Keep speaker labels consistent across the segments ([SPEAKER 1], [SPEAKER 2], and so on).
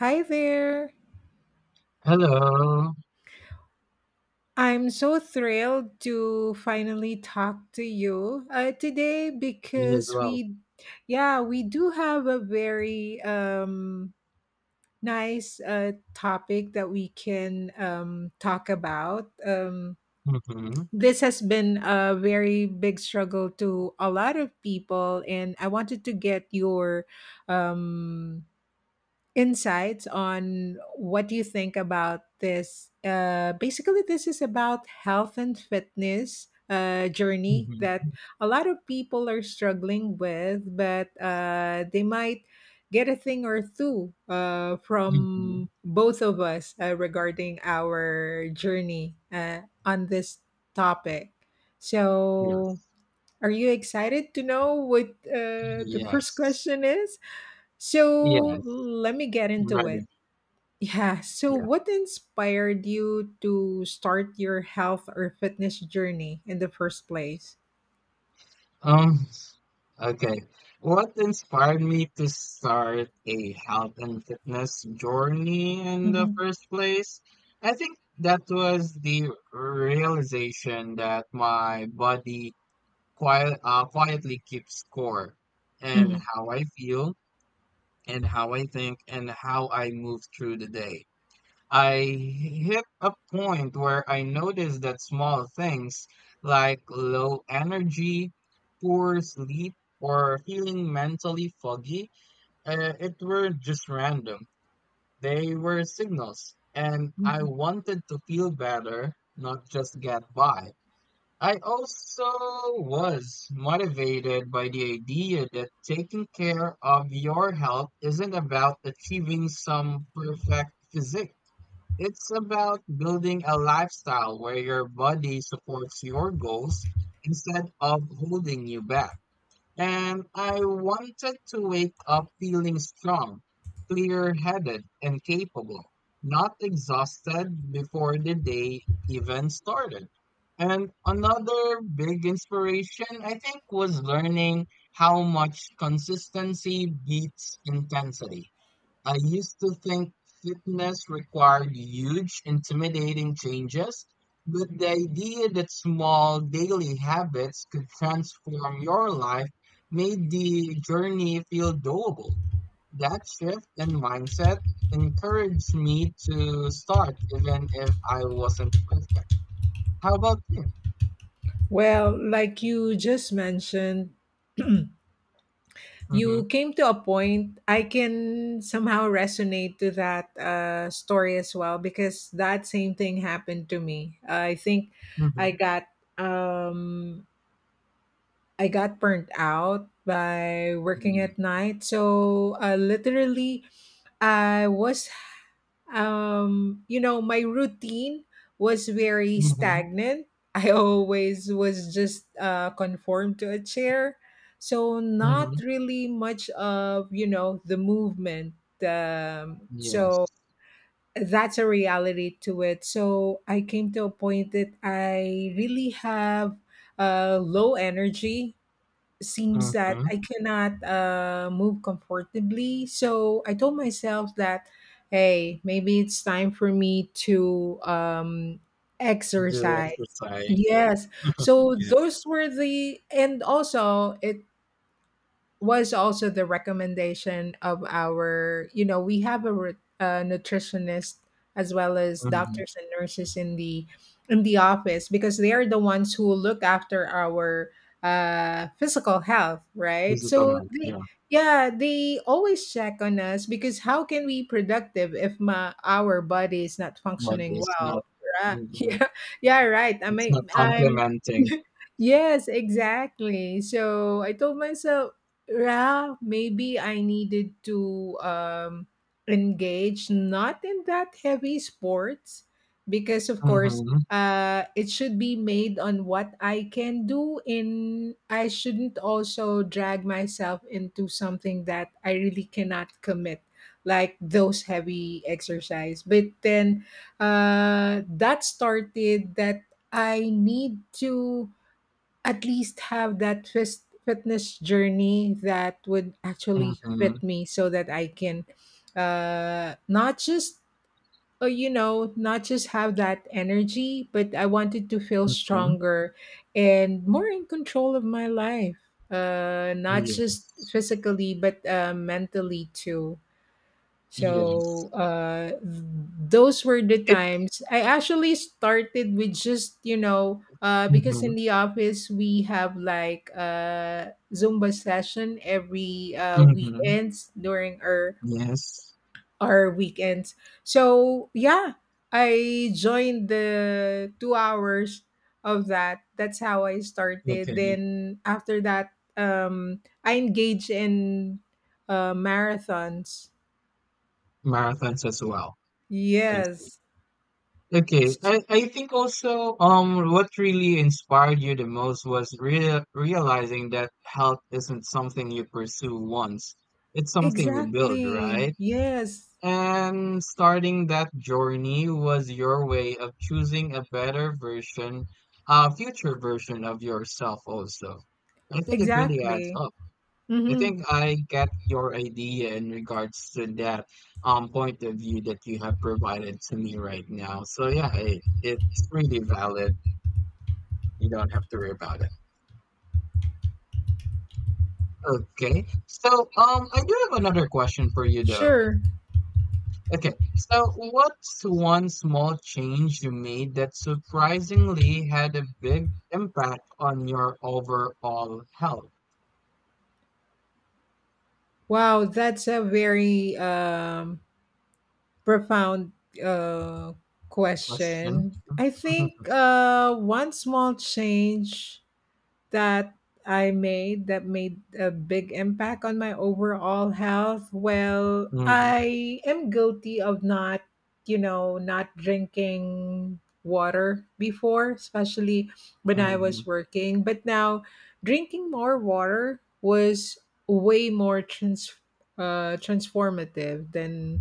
[SPEAKER 1] Hi there.
[SPEAKER 2] Hello.
[SPEAKER 1] I'm so thrilled to finally talk to you today
[SPEAKER 2] Me as
[SPEAKER 1] because
[SPEAKER 2] well.
[SPEAKER 1] yeah, we do have a very nice topic that we can talk about.
[SPEAKER 2] Mhm.
[SPEAKER 1] This has been a very big struggle to a lot of people, and I wanted to get your um, insights on what you think about this. Basically, this is about health and fitness journey
[SPEAKER 2] Mhm.
[SPEAKER 1] that a lot of people are struggling with, but they might get a thing or two
[SPEAKER 2] Mhm.
[SPEAKER 1] from both of us regarding our journey on this topic. So,
[SPEAKER 2] Yes.
[SPEAKER 1] are you excited to know what the first
[SPEAKER 2] Yes.
[SPEAKER 1] question is?
[SPEAKER 2] Yes.
[SPEAKER 1] So let me get into
[SPEAKER 2] Ready.
[SPEAKER 1] it. Yeah. So,
[SPEAKER 2] Yeah.
[SPEAKER 1] what inspired you to start your health or fitness journey in the first place?
[SPEAKER 2] Um, okay. What inspired me to start a health and fitness journey in the
[SPEAKER 1] Mhm,
[SPEAKER 2] first place? I think that was the realization that my body quietly keeps score and
[SPEAKER 1] mhm,
[SPEAKER 2] how I feel and how I think and how I move through the day. I hit a point where I noticed that small things like low energy, poor sleep, or feeling mentally foggy, it were just random. They were signals, and I
[SPEAKER 1] mhm.
[SPEAKER 2] wanted to feel better, not just get by. I also was motivated by the idea that taking care of your health isn't about achieving some perfect physique. It's about building a lifestyle where your body supports your goals instead of holding you back. And I wanted to wake up feeling strong, clear headed, and capable, not exhausted before the day even started. And another big inspiration, I think, was learning how much consistency beats intensity. I used to think fitness required huge, intimidating changes, but the idea that small daily habits could transform your life made the journey feel doable. That shift in mindset encouraged me to start, even if I wasn't perfect. How about you?
[SPEAKER 1] Well, like you just mentioned,
[SPEAKER 2] Mm-hmm.
[SPEAKER 1] you came to a point I can somehow resonate to that story as well because that same thing happened to me. I think
[SPEAKER 2] Mm-hmm.
[SPEAKER 1] I got um I got burnt out by working at night. So literally, I was, you know, my routine was very
[SPEAKER 2] Mm-hmm.
[SPEAKER 1] stagnant. I always was just conformed to a chair. So not
[SPEAKER 2] Mm-hmm.
[SPEAKER 1] really much of, you know, the movement. Um,
[SPEAKER 2] Yes.
[SPEAKER 1] so that's a reality to it. So I came to a point that I really have low energy. Seems that
[SPEAKER 2] Mm-hmm.
[SPEAKER 1] I cannot move comfortably. So I told myself that, hey, maybe it's time for me to
[SPEAKER 2] Do
[SPEAKER 1] exercise.
[SPEAKER 2] exercise.
[SPEAKER 1] Yes. So
[SPEAKER 2] Yes.
[SPEAKER 1] those were the, and also it was also the recommendation of our, you know, we have a, a nutritionist as well as
[SPEAKER 2] Mm-hmm.
[SPEAKER 1] doctors and nurses in the office because they are the ones who look after our physical health, right?
[SPEAKER 2] Physical
[SPEAKER 1] So
[SPEAKER 2] health.
[SPEAKER 1] they,
[SPEAKER 2] Yeah.
[SPEAKER 1] yeah, they always check on us because how can we productive if my our body is not
[SPEAKER 2] But
[SPEAKER 1] functioning
[SPEAKER 2] it's not,
[SPEAKER 1] well, right?
[SPEAKER 2] mhm,
[SPEAKER 1] Yeah, yeah, right, I
[SPEAKER 2] it's not
[SPEAKER 1] mean, I'm
[SPEAKER 2] complementing.
[SPEAKER 1] yes, exactly. So I told myself, yeah, maybe I needed to engage not in that heavy sports because of course
[SPEAKER 2] Mhm,
[SPEAKER 1] it should be made on what I can do in. I shouldn't also drag myself into something that I really cannot commit like those heavy exercise. But then that started that I need to at least have that fitness journey that would actually
[SPEAKER 2] mhm,
[SPEAKER 1] fit me so that I can not just you know, not just have that energy, but I wanted to feel
[SPEAKER 2] mhm.
[SPEAKER 1] stronger and more in control of my life, not just
[SPEAKER 2] Yes.
[SPEAKER 1] physically but mentally too.
[SPEAKER 2] Yes.
[SPEAKER 1] So those were the
[SPEAKER 2] It,
[SPEAKER 1] times. I actually started with just, you know, because
[SPEAKER 2] mhm,
[SPEAKER 1] in the office we have like a Zumba session every
[SPEAKER 2] mhm.
[SPEAKER 1] weekends during
[SPEAKER 2] Yes.
[SPEAKER 1] our weekends. So yeah, I joined the 2 hours of that. That's how I started.
[SPEAKER 2] Okay.
[SPEAKER 1] Then after that, I engaged in marathons.
[SPEAKER 2] Marathons as well. I see.
[SPEAKER 1] Yes.
[SPEAKER 2] Okay. I think also what really inspired you the most was realizing that health isn't something you pursue once. It's something you build,
[SPEAKER 1] Exactly.
[SPEAKER 2] right?
[SPEAKER 1] Yes,
[SPEAKER 2] And starting that journey was your way of choosing a better version, a future version of yourself also. I think it really adds
[SPEAKER 1] exactly.
[SPEAKER 2] up. I
[SPEAKER 1] Hmm.
[SPEAKER 2] think I get your idea in regards to that point of view that you have provided to me right now. So yeah, it's really valid. You don't have to worry about it. Okay. So I do have another question for you though.
[SPEAKER 1] Sure.
[SPEAKER 2] Okay, so what's one small change you made that surprisingly had a big impact on your overall health?
[SPEAKER 1] Wow, that's a very profound uh,
[SPEAKER 2] Question.
[SPEAKER 1] question. I think one small change that I made that made a big impact on my overall health? Well,
[SPEAKER 2] Hmm.
[SPEAKER 1] I am guilty of not, you know, not drinking water before, especially when I
[SPEAKER 2] Hmm.
[SPEAKER 1] was working. But now drinking more water was way more transformative than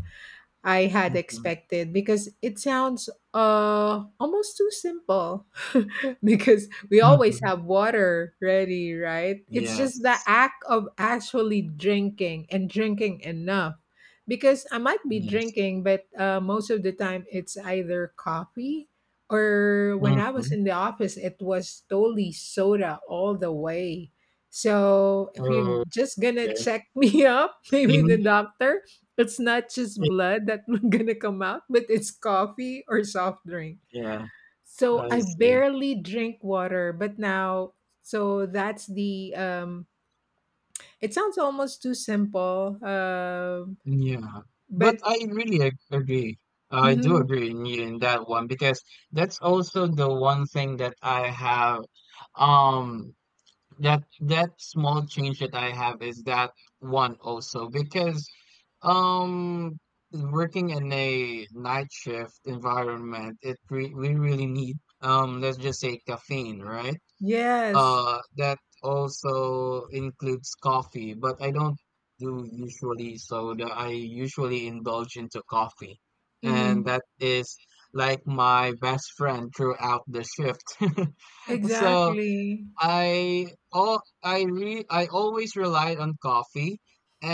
[SPEAKER 1] I had
[SPEAKER 2] Hmm.
[SPEAKER 1] expected because it sounds almost too simple because we always
[SPEAKER 2] Hmm.
[SPEAKER 1] have water ready, right? It's just the
[SPEAKER 2] Yes,
[SPEAKER 1] act of actually drinking and drinking enough. Because I might be
[SPEAKER 2] yes.
[SPEAKER 1] drinking, but most of the time it's either coffee, or when I was
[SPEAKER 2] Mm-hmm.
[SPEAKER 1] in the office, it was totally soda all the way. So if you're just gonna
[SPEAKER 2] Okay.
[SPEAKER 1] check me up, maybe the
[SPEAKER 2] Same,
[SPEAKER 1] doctor, it's not just
[SPEAKER 2] same.
[SPEAKER 1] blood that gonna come out, but it's coffee or soft drink.
[SPEAKER 2] Yeah,
[SPEAKER 1] So
[SPEAKER 2] I
[SPEAKER 1] I
[SPEAKER 2] see.
[SPEAKER 1] barely drink water, but now so that's the it sounds almost too simple.
[SPEAKER 2] Yeah, but
[SPEAKER 1] But
[SPEAKER 2] I really agree. I do
[SPEAKER 1] Mhm,
[SPEAKER 2] agree in you in that one because that's also the one thing that I have, um that that small change that I have is that one also because, um working in a night shift environment we really need, let's just say caffeine, right?
[SPEAKER 1] yes.
[SPEAKER 2] That also includes coffee, but I don't do usually soda. I usually indulge into coffee, and
[SPEAKER 1] Mhm.
[SPEAKER 2] that is like my best friend throughout the shift. So
[SPEAKER 1] Exactly.
[SPEAKER 2] I all I re I always relied on coffee,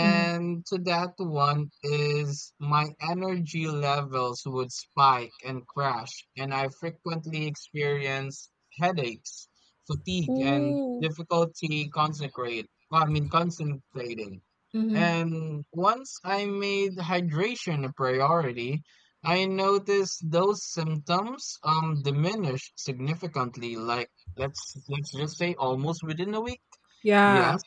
[SPEAKER 1] Mhm.
[SPEAKER 2] to that one is my energy levels would spike and crash, and I frequently experience headaches, fatigue, and
[SPEAKER 1] Ooh.
[SPEAKER 2] difficulty concentrate. I mean concentrating.
[SPEAKER 1] Mhm.
[SPEAKER 2] And once I made hydration a priority, I noticed those symptoms diminish significantly, like, let's just say almost within a week. Yes.
[SPEAKER 1] Yeah,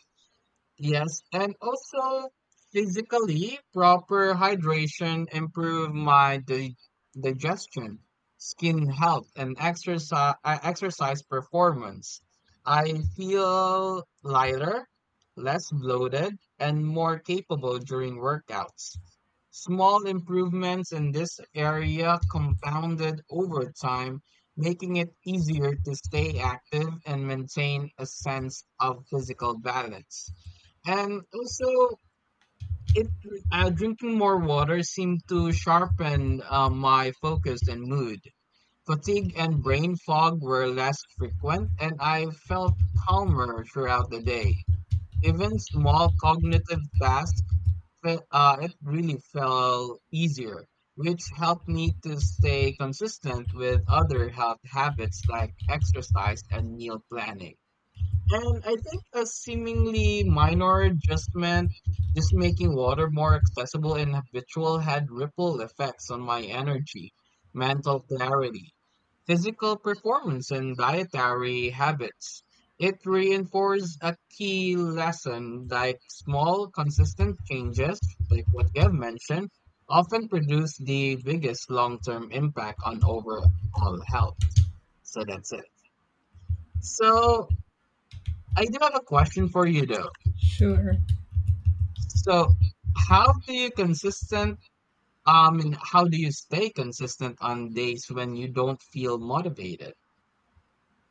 [SPEAKER 2] Yes, and also physically, proper hydration improve my di digestion, skin health, and exercise performance. I feel lighter, less bloated, and more capable during workouts. Small improvements in this area compounded over time, making it easier to stay active and maintain a sense of physical balance. And also, it, drinking more water seemed to sharpen my focus and mood. Fatigue and brain fog were less frequent, and I felt calmer throughout the day. Even small cognitive tasks, it really felt easier, which helped me to stay consistent with other health habits like exercise and meal planning. And I think a seemingly minor adjustment, just making water more accessible and habitual, had ripple effects on my energy, mental clarity, physical performance, and dietary habits. It reinforced a key lesson, like small, consistent changes, like what you have mentioned, often produce the biggest long term impact on overall health. So that's it. So I do have a question for you though.
[SPEAKER 1] sure.
[SPEAKER 2] So, how do you consistent? How do you stay consistent on days when you don't feel motivated?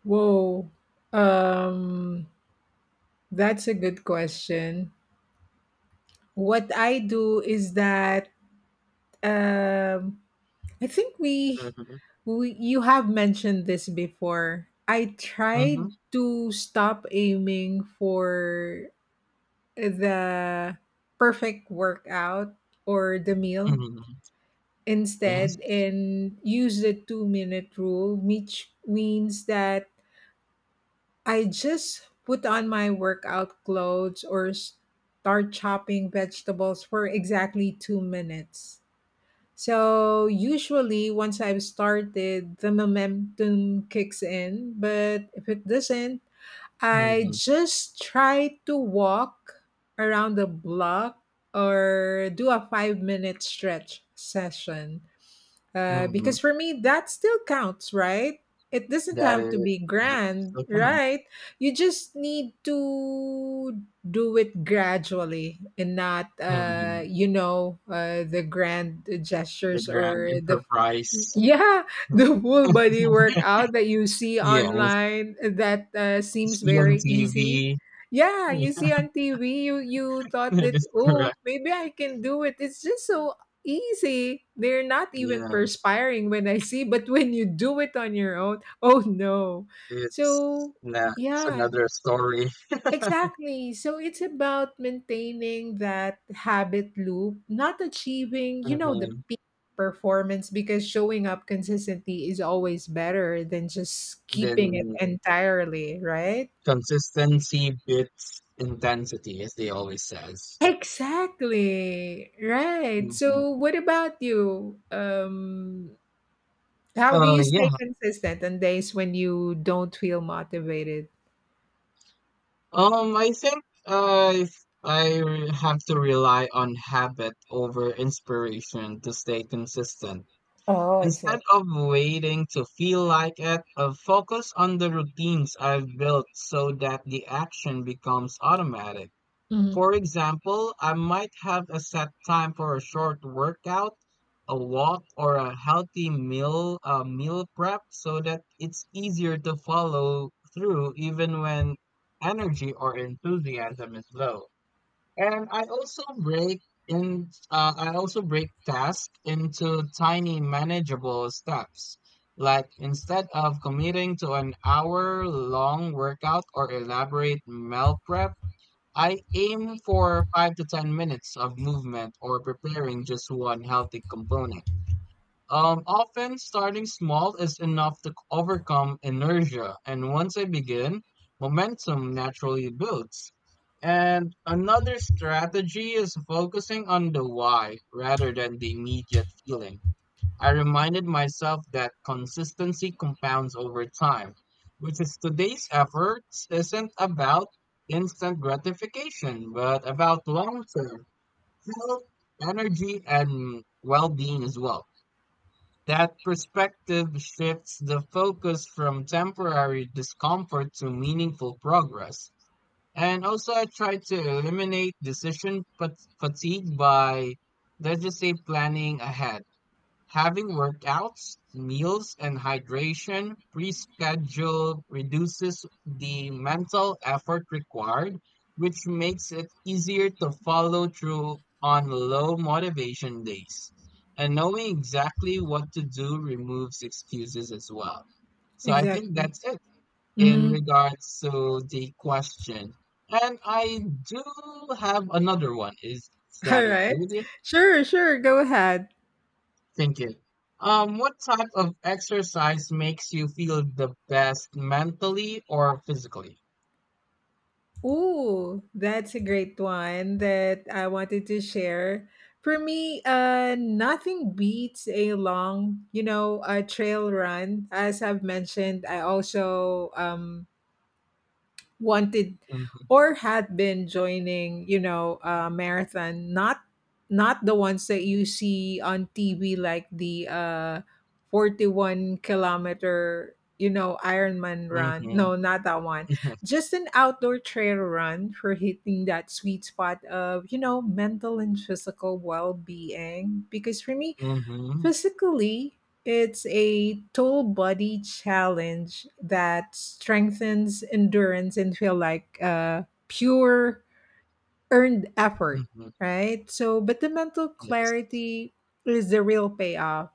[SPEAKER 1] Whoa. Um that's a good question. What I do is that um I think we,
[SPEAKER 2] Mhm,
[SPEAKER 1] we, you have mentioned this before. I tried
[SPEAKER 2] mhm,
[SPEAKER 1] to stop aiming for the perfect workout or the meal
[SPEAKER 2] mhm. Yes.
[SPEAKER 1] instead and use the 2-minute rule, which means that I just put on my workout clothes or start chopping vegetables for exactly 2 minutes. So usually once I've started, the momentum kicks in, but if it doesn't, I
[SPEAKER 2] Mhm,
[SPEAKER 1] just try to walk around the block or do a 5-minute stretch session.
[SPEAKER 2] mhm.
[SPEAKER 1] Because for me, that still counts, right? It doesn't
[SPEAKER 2] That
[SPEAKER 1] have to
[SPEAKER 2] is
[SPEAKER 1] be
[SPEAKER 2] that
[SPEAKER 1] grand,
[SPEAKER 2] still counts.
[SPEAKER 1] right? You just need to do it gradually and not,
[SPEAKER 2] Mhm.
[SPEAKER 1] you know, the grand
[SPEAKER 2] The
[SPEAKER 1] gestures
[SPEAKER 2] grand
[SPEAKER 1] or the,
[SPEAKER 2] enterprise.
[SPEAKER 1] yeah, the full body workout that you see
[SPEAKER 2] Yes.
[SPEAKER 1] online that seems
[SPEAKER 2] See on
[SPEAKER 1] very
[SPEAKER 2] TV.
[SPEAKER 1] easy. Yeah, you
[SPEAKER 2] Yeah,
[SPEAKER 1] see on TV, you you thought
[SPEAKER 2] that
[SPEAKER 1] that,
[SPEAKER 2] is
[SPEAKER 1] oh,
[SPEAKER 2] correct.
[SPEAKER 1] maybe I can do it. It's just so easy. They're not even
[SPEAKER 2] Yes,
[SPEAKER 1] perspiring when I see, but when you do it on your own, oh no.
[SPEAKER 2] it's
[SPEAKER 1] So,
[SPEAKER 2] nah, it's
[SPEAKER 1] yeah,
[SPEAKER 2] another story.
[SPEAKER 1] exactly. So it's about maintaining that habit loop, not achieving, you know, the
[SPEAKER 2] Mhm.
[SPEAKER 1] peak performance because showing up consistently is always better than just keeping it
[SPEAKER 2] Then,
[SPEAKER 1] entirely, right?
[SPEAKER 2] consistency beats intensity, as they always says.
[SPEAKER 1] Exactly. Right.
[SPEAKER 2] Mhm.
[SPEAKER 1] So what about you? How do
[SPEAKER 2] Uh,
[SPEAKER 1] you
[SPEAKER 2] yeah.
[SPEAKER 1] stay consistent on days when you don't feel motivated?
[SPEAKER 2] I think if I have to rely on habit over inspiration to stay consistent.
[SPEAKER 1] Oh, I see.
[SPEAKER 2] Instead of waiting to feel like it, focus on the routines I've built so that the action becomes automatic.
[SPEAKER 1] Mhm.
[SPEAKER 2] For example, I might have a set time for a short workout, a walk, or a healthy meal prep so that it's easier to follow through even when energy or enthusiasm is low. And I also I also break tasks into tiny manageable steps. Like instead of committing to an hour long workout or elaborate meal prep, I aim for 5 to 10 minutes of movement or preparing just one healthy component. Often starting small is enough to overcome inertia, and once I begin, momentum naturally builds. And another strategy is focusing on the why rather than the immediate feeling. I reminded myself that consistency compounds over time, which is today's efforts isn't about instant gratification, but about long term health, energy, and well being as well. That perspective shifts the focus from temporary discomfort to meaningful progress. And also, I try to eliminate decision fatigue by, let's just say, planning ahead. Having workouts, meals, and hydration pre-scheduled reduces the mental effort required, which makes it easier to follow through on low motivation days. And knowing exactly what to do removes excuses as well. So I think
[SPEAKER 1] Exactly.
[SPEAKER 2] that's it in
[SPEAKER 1] Mhm.
[SPEAKER 2] regards to the question. And I do have another one. Is that
[SPEAKER 1] All
[SPEAKER 2] okay
[SPEAKER 1] right.
[SPEAKER 2] with you?
[SPEAKER 1] Sure, sure. Go ahead.
[SPEAKER 2] Thank you. What type of exercise makes you feel the best mentally or physically?
[SPEAKER 1] Ooh, that's a great one that I wanted to share. For me, nothing beats a long, you know, a trail run. As I've mentioned, I also wanted
[SPEAKER 2] Mm-hmm.
[SPEAKER 1] or had been joining, you know, marathon, not not the ones that you see on TV like the 41 kilometer, you know, ironman
[SPEAKER 2] Mm-hmm.
[SPEAKER 1] run, no, not that one,
[SPEAKER 2] Mm-hmm.
[SPEAKER 1] just an outdoor trail run for hitting that sweet spot of, you know, mental and physical well-being because for me
[SPEAKER 2] Mm-hmm.
[SPEAKER 1] physically, it's a total body challenge that strengthens endurance and feel like pure earned effort,
[SPEAKER 2] Mm-hmm.
[SPEAKER 1] right? So, but the mental
[SPEAKER 2] Yes.
[SPEAKER 1] clarity is the real payoff,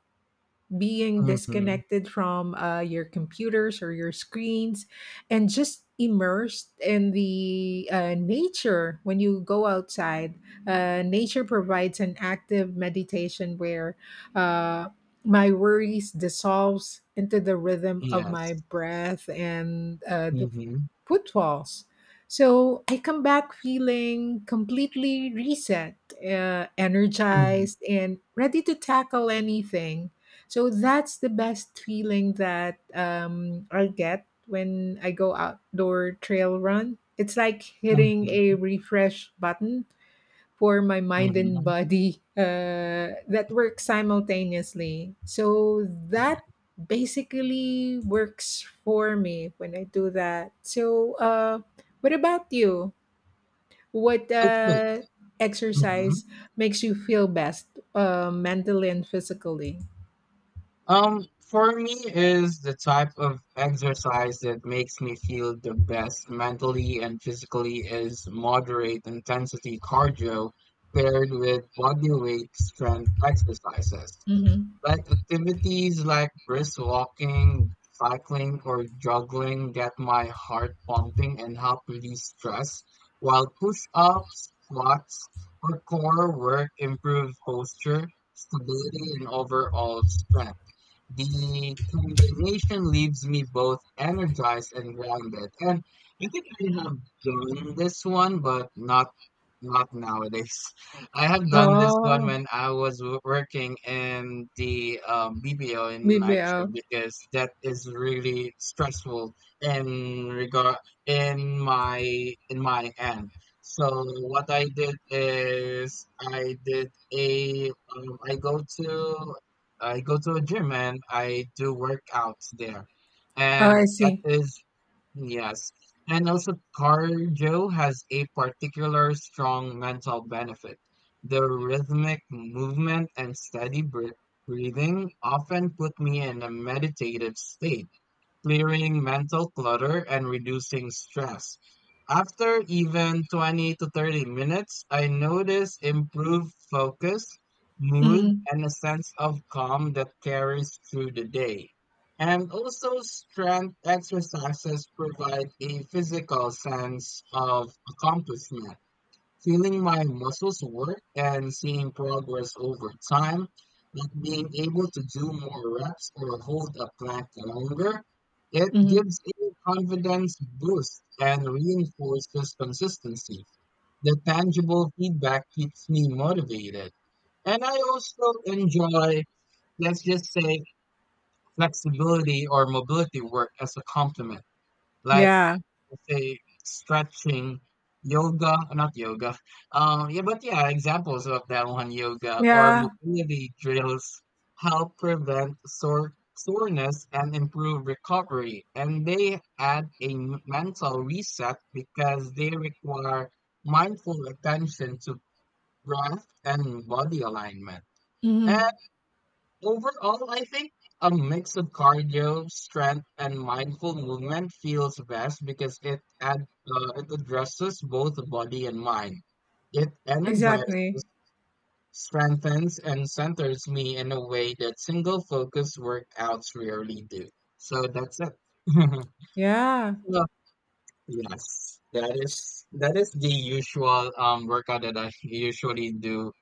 [SPEAKER 1] being
[SPEAKER 2] Mm-hmm.
[SPEAKER 1] disconnected from your computers or your screens and just immersed in the nature. When you go outside, nature provides an active meditation where uh, my worries dissolves into the rhythm of my
[SPEAKER 2] Yes.
[SPEAKER 1] breath and the
[SPEAKER 2] Mm-hmm.
[SPEAKER 1] footfalls. So I come back feeling completely reset,
[SPEAKER 2] Mm-hmm.
[SPEAKER 1] energized and ready to tackle anything. So that's the best feeling that I get when I go outdoor trail run. It's like hitting
[SPEAKER 2] Mm-hmm.
[SPEAKER 1] a refresh button for my mind and
[SPEAKER 2] Mm-hmm.
[SPEAKER 1] body that works simultaneously. So that basically works for me when I do that. So, what about you? What
[SPEAKER 2] Okay.
[SPEAKER 1] exercise makes you feel best mentally and physically?
[SPEAKER 2] For me is the type of exercise that makes me feel the best mentally and physically is moderate intensity cardio paired with body weight strength exercises.
[SPEAKER 1] Mhm.
[SPEAKER 2] Like activities like brisk walking, cycling, or jogging get my heart pumping and help release stress, while push-ups, squats, or core work improve posture, stability, and overall strength. The conversation leaves me both energized and grounded. And I think I have done this one, but not nowadays. I have done this one
[SPEAKER 1] Oh,
[SPEAKER 2] when I was working in the BPO in night shift
[SPEAKER 1] BBL.
[SPEAKER 2] because that is really stressful in regard in my in my end. So what I did is I did a I go to a gym and I do workouts there.
[SPEAKER 1] Oh,
[SPEAKER 2] And
[SPEAKER 1] I
[SPEAKER 2] that
[SPEAKER 1] see.
[SPEAKER 2] is, yes. And also, cardio has a particular strong mental benefit. The rhythmic movement and steady breathing often put me in a meditative state clearing mental clutter and reducing stress. After even 20 to 30 minutes, I notice improved focus, mood,
[SPEAKER 1] Mhm,
[SPEAKER 2] and a sense of calm that carries through the day. And also, strength exercises provide a physical sense of accomplishment feeling my muscles work and seeing progress over time, like being able to do more reps or hold a plank longer, it
[SPEAKER 1] mhm.
[SPEAKER 2] gives a confidence boost and reinforces consistency. The tangible feedback keeps me motivated. And I also enjoy, let's just say, flexibility or mobility work as a complement. Like
[SPEAKER 1] Yeah,
[SPEAKER 2] say stretching, yoga, not yoga. Yeah, but yeah, examples of that one yoga or
[SPEAKER 1] yeah,
[SPEAKER 2] mobility drills help prevent soreness and improve recovery. And they add a mental reset because they require mindful attention to breath and body alignment.
[SPEAKER 1] mhm,
[SPEAKER 2] Overall, I think a mix of cardio, strength, and mindful movement feels best because it addresses both body and mind. It energizes,
[SPEAKER 1] exactly.
[SPEAKER 2] strengthens, and centers me in a way that single focus workouts rarely do. So that's it.
[SPEAKER 1] Yeah,
[SPEAKER 2] So yes, that
[SPEAKER 1] s
[SPEAKER 2] is that is the usual workout that I usually do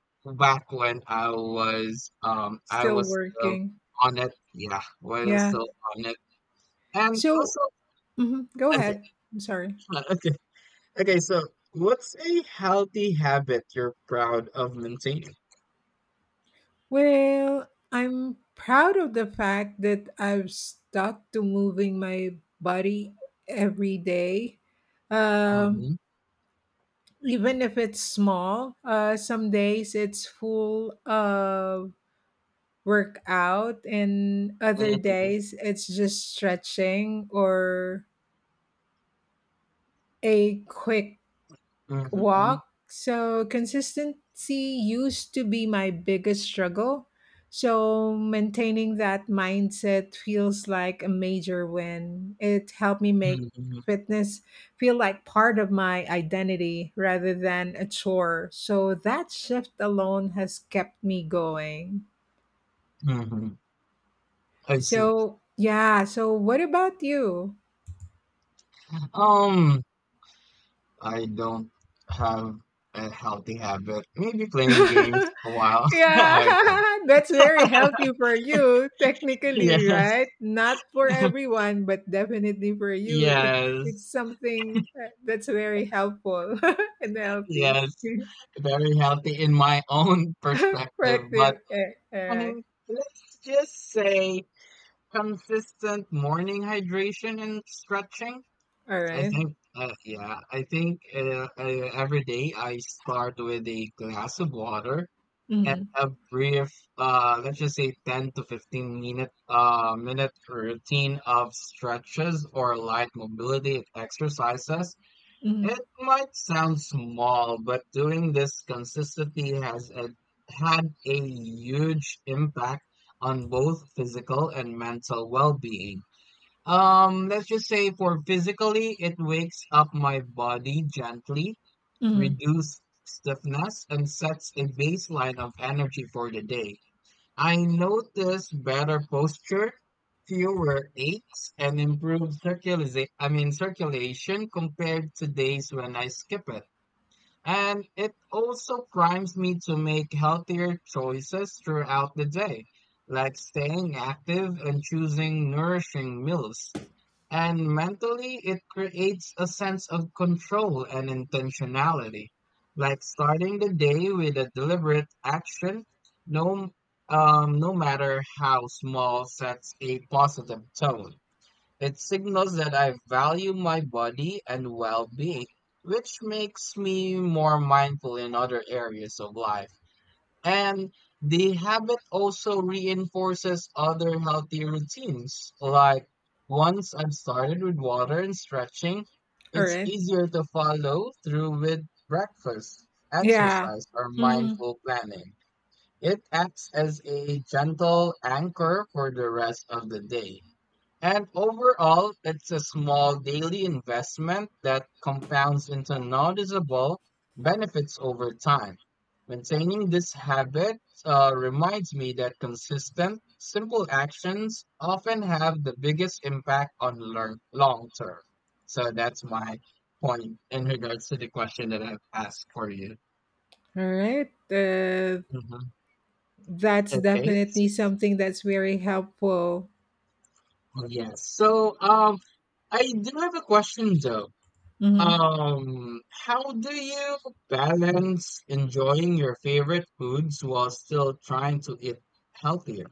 [SPEAKER 2] back when I was, I
[SPEAKER 1] still
[SPEAKER 2] was still
[SPEAKER 1] working.
[SPEAKER 2] on it. Yeah, when I was
[SPEAKER 1] Yeah.
[SPEAKER 2] still on it. And
[SPEAKER 1] So
[SPEAKER 2] also
[SPEAKER 1] mhm, go
[SPEAKER 2] okay,
[SPEAKER 1] ahead. I'm sorry.
[SPEAKER 2] uh, okay, okay, so what's a healthy habit you're proud of maintaining?
[SPEAKER 1] Well, I'm proud of the fact that I've stuck to moving my body every day.
[SPEAKER 2] Mm-hmm.
[SPEAKER 1] Um, Even if it's small, some days it's full of work out and other
[SPEAKER 2] Mm-hmm.
[SPEAKER 1] days it's just stretching or a quick
[SPEAKER 2] Mm-hmm. Mm-hmm.
[SPEAKER 1] walk. So consistency used to be my biggest struggle, so maintaining that mindset feels like a major win. It helped me make
[SPEAKER 2] Mm-hmm.
[SPEAKER 1] fitness feel like part of my identity rather than a chore, so that shift alone has kept me going.
[SPEAKER 2] Mm-hmm. I see.
[SPEAKER 1] So yeah, so what about you?
[SPEAKER 2] Um I don't have a healthy habit. Maybe playing games a while.
[SPEAKER 1] Yeah, that's very healthy for you,
[SPEAKER 2] Oh, sorry.
[SPEAKER 1] technically, right?
[SPEAKER 2] Yes,
[SPEAKER 1] Not for everyone, but definitely for you,
[SPEAKER 2] yes,
[SPEAKER 1] it's something that's very helpful and healthy.
[SPEAKER 2] yes. Very healthy in my own perspective, but
[SPEAKER 1] Corrective. Eh,
[SPEAKER 2] I
[SPEAKER 1] correct.
[SPEAKER 2] mean, let's just say consistent morning hydration and stretching.
[SPEAKER 1] All
[SPEAKER 2] I
[SPEAKER 1] right.
[SPEAKER 2] think, I think every day I start with a glass of water and
[SPEAKER 1] Mm-hmm.
[SPEAKER 2] a brief, let's just say 10 to 15 minute routine of stretches or light mobility exercises. It
[SPEAKER 1] Mm-hmm.
[SPEAKER 2] might sound small, but doing this consistently had a huge impact on both physical and mental well-being. Let's just say for physically, it wakes up my body gently
[SPEAKER 1] Mm-hmm.
[SPEAKER 2] reduce stiffness, and sets a baseline of energy for the day. I notice better posture, fewer aches, and improved circulation, I mean circulation compared to days when I skip it. And it also primes me to make healthier choices throughout the day, like staying active and choosing nourishing meals. And mentally, it creates a sense of control and intentionality, like starting the day with a deliberate action, no, no matter how small, sets a positive tone. It signals that I value my body and well being, which makes me more mindful in other areas of life. And the habit also reinforces other healthy routines. Like once I've started with water and stretching,
[SPEAKER 1] All
[SPEAKER 2] it's
[SPEAKER 1] right.
[SPEAKER 2] easier to follow through with breakfast,
[SPEAKER 1] Yeah.
[SPEAKER 2] exercise, or
[SPEAKER 1] Mm-hmm.
[SPEAKER 2] mindful planning. It acts as a gentle anchor for the rest of the day. And overall, it's a small daily investment that compounds into noticeable benefits over time. Maintaining this habit reminds me that consistent, simple actions often have the biggest impact on long term. So that's my point in regards to the question that I've asked for you.
[SPEAKER 1] All right.
[SPEAKER 2] Mhm.
[SPEAKER 1] That's
[SPEAKER 2] Okay.
[SPEAKER 1] definitely something that's very helpful.
[SPEAKER 2] Yes. So I do have a question though.
[SPEAKER 1] Mhm.
[SPEAKER 2] How do you balance enjoying your favorite foods while still trying to eat healthier?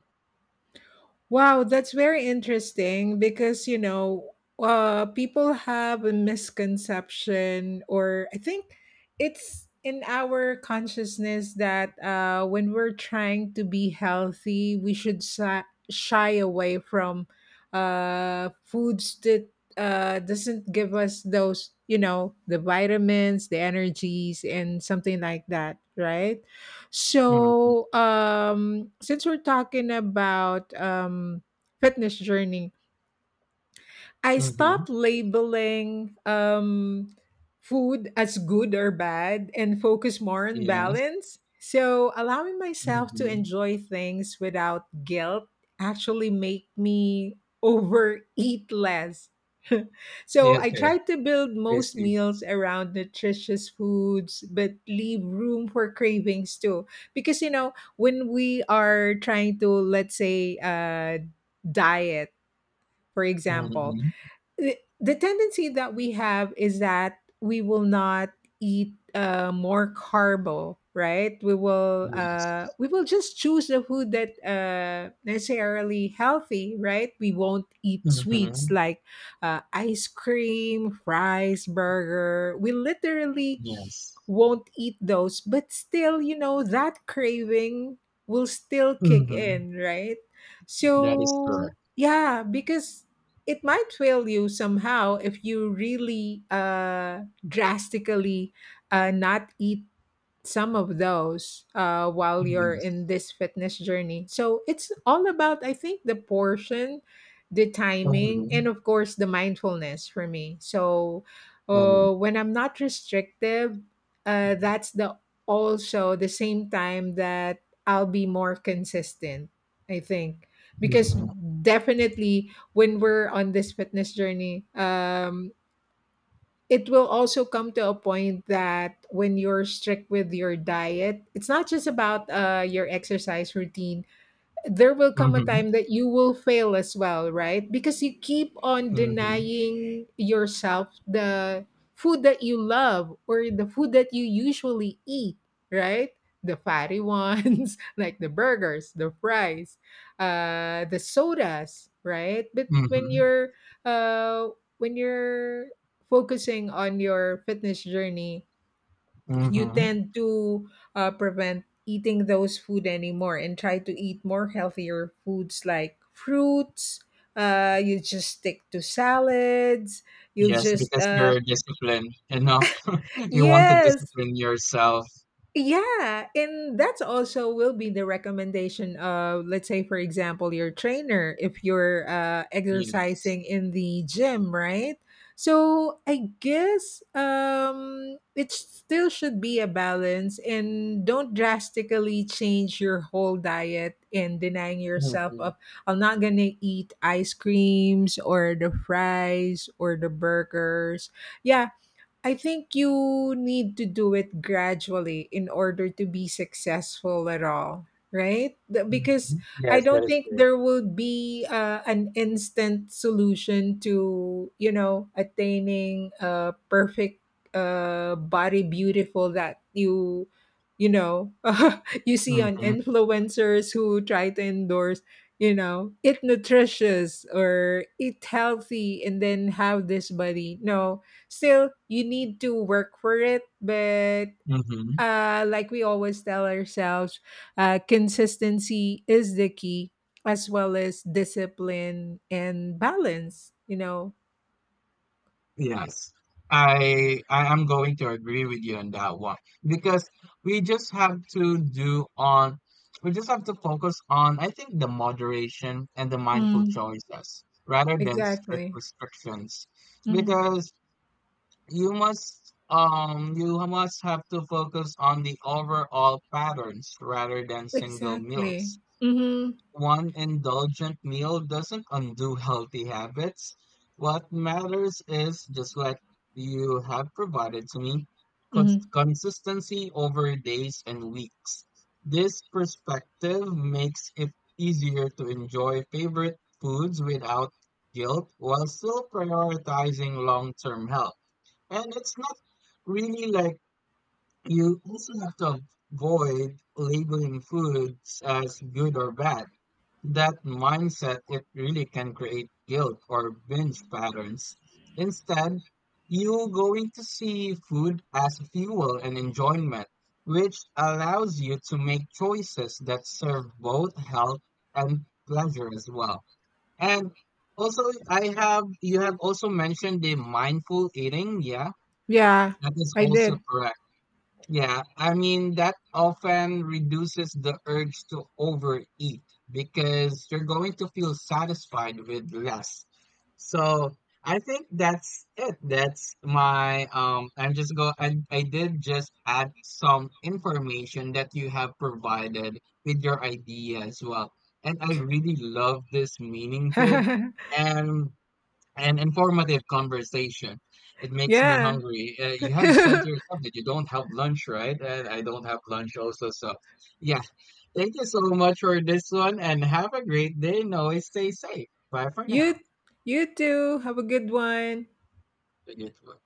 [SPEAKER 1] Wow, that's very interesting because, you know, people have a misconception, or I think it's in our consciousness that when we're trying to be healthy, we should shy away from foods that doesn't give us those, you know, the vitamins, the energies, and something like that, right?
[SPEAKER 2] Mm-hmm.
[SPEAKER 1] So, since we're talking about fitness journey, I
[SPEAKER 2] Mm-hmm.
[SPEAKER 1] stopped labeling food as good or bad and focus more on
[SPEAKER 2] Yes.
[SPEAKER 1] balance. So allowing myself to
[SPEAKER 2] Mm-hmm.
[SPEAKER 1] enjoy things without guilt actually make me overeat less.
[SPEAKER 2] Yeah,
[SPEAKER 1] So I
[SPEAKER 2] okay,
[SPEAKER 1] try to build
[SPEAKER 2] I
[SPEAKER 1] most
[SPEAKER 2] see.
[SPEAKER 1] meals around nutritious foods, but leave room for cravings too. Because you know, when we are trying to, let's say, diet, for example,
[SPEAKER 2] Mm-hmm.
[SPEAKER 1] the tendency that we have is that we will not eat more carbo, right? We will
[SPEAKER 2] Yes.
[SPEAKER 1] we will just choose the food that necessarily healthy, right? We won't eat sweets
[SPEAKER 2] Mm-hmm.
[SPEAKER 1] like ice cream, fries, burger, we literally
[SPEAKER 2] Yes.
[SPEAKER 1] won't eat those, but still, you know, that craving will still kick
[SPEAKER 2] Mm-hmm.
[SPEAKER 1] in, right?
[SPEAKER 2] That is
[SPEAKER 1] So
[SPEAKER 2] correct.
[SPEAKER 1] yeah, because it might fail you somehow if you really drastically not eat some of those while you're
[SPEAKER 2] Yes.
[SPEAKER 1] in this fitness journey. So it's all about, I think, the portion, the timing,
[SPEAKER 2] Mm-hmm.
[SPEAKER 1] and of course, the mindfulness for me. So
[SPEAKER 2] Mm-hmm.
[SPEAKER 1] when I'm not restrictive, that's the also the same time that I'll be more consistent, I think. Because
[SPEAKER 2] Mm-hmm.
[SPEAKER 1] definitely when we're on this fitness journey, it will also come to a point that when you're strict with your diet, it's not just about your exercise routine, there will come a time that you will fail as well, right? Because you keep on
[SPEAKER 2] Mm-hmm.
[SPEAKER 1] denying yourself the food that you love or the food that you usually eat, right? The fatty ones, like the burgers, the fries, the sodas, right? But
[SPEAKER 2] Mm-hmm.
[SPEAKER 1] uh, when you're focusing on your fitness journey, you
[SPEAKER 2] Mm-hmm.
[SPEAKER 1] tend to prevent eating those food anymore and try to eat more healthier foods like fruits, you just stick to salads, you'll
[SPEAKER 2] Yes,
[SPEAKER 1] just
[SPEAKER 2] because you're disciplined enough. You want to
[SPEAKER 1] yes.
[SPEAKER 2] discipline yourself.
[SPEAKER 1] Yeah, and that's also will be the recommendation of, let's say, for example, your trainer if you're
[SPEAKER 2] Yes.
[SPEAKER 1] exercising in the gym, right? So I guess it still should be a balance, and don't drastically change your whole diet and denying yourself
[SPEAKER 2] Mhm,
[SPEAKER 1] of I'm not gonna eat ice creams or the fries or the burgers. Yeah, I think you need to do it gradually in order to be successful at all, right? Because
[SPEAKER 2] mhm.
[SPEAKER 1] I
[SPEAKER 2] Yes, that
[SPEAKER 1] don't
[SPEAKER 2] is
[SPEAKER 1] think
[SPEAKER 2] correct.
[SPEAKER 1] there will be an instant solution to, you know, attaining a perfect body beautiful that you know, you see on
[SPEAKER 2] Mhm,
[SPEAKER 1] influencers who try to endorse, you know, eat nutritious or eat healthy and then have this body, no, still you need to work for it. But
[SPEAKER 2] mhm.
[SPEAKER 1] like we always tell ourselves, consistency is the key, as well as discipline and balance, you know.
[SPEAKER 2] Yes. I am going to agree with you on that one because we just have to do on we just have to focus on I think the moderation and the mindful
[SPEAKER 1] Mm.
[SPEAKER 2] choices rather than strict
[SPEAKER 1] Exactly.
[SPEAKER 2] restrictions,
[SPEAKER 1] Mm.
[SPEAKER 2] because you must have to focus on the overall patterns rather than single
[SPEAKER 1] Exactly.
[SPEAKER 2] meals.
[SPEAKER 1] Mm-hmm.
[SPEAKER 2] One indulgent meal doesn't undo healthy habits. What matters is just what you have provided to me,
[SPEAKER 1] Mm-hmm.
[SPEAKER 2] consistency over days and weeks. This perspective makes it easier to enjoy favorite foods without guilt while still prioritizing long term health. And it's not really like you also have to avoid labeling foods as good or bad, that mindset, it really can create guilt or binge patterns. Instead, you're going to see food as fuel and enjoyment, which allows you to make choices that serve both health and pleasure as well. And also, you have also mentioned the mindful eating. Yeah,
[SPEAKER 1] Yeah,
[SPEAKER 2] that is
[SPEAKER 1] I
[SPEAKER 2] also
[SPEAKER 1] did.
[SPEAKER 2] correct. Yeah, I mean, that often reduces the urge to overeat because you're going to feel satisfied with less. So I think that's it. That's my I'm just go I did just add some information that you have provided with your idea as well. And I really love this meaningful and informative conversation. It makes me
[SPEAKER 1] Yeah.
[SPEAKER 2] hungry. You have said to yourself that you don't have lunch, right? And I don't have lunch also. So, yeah, thank you so much for this one and have a great day. And always stay safe. Bye for
[SPEAKER 1] you
[SPEAKER 2] now.
[SPEAKER 1] you too, have a good one.
[SPEAKER 2] Good one.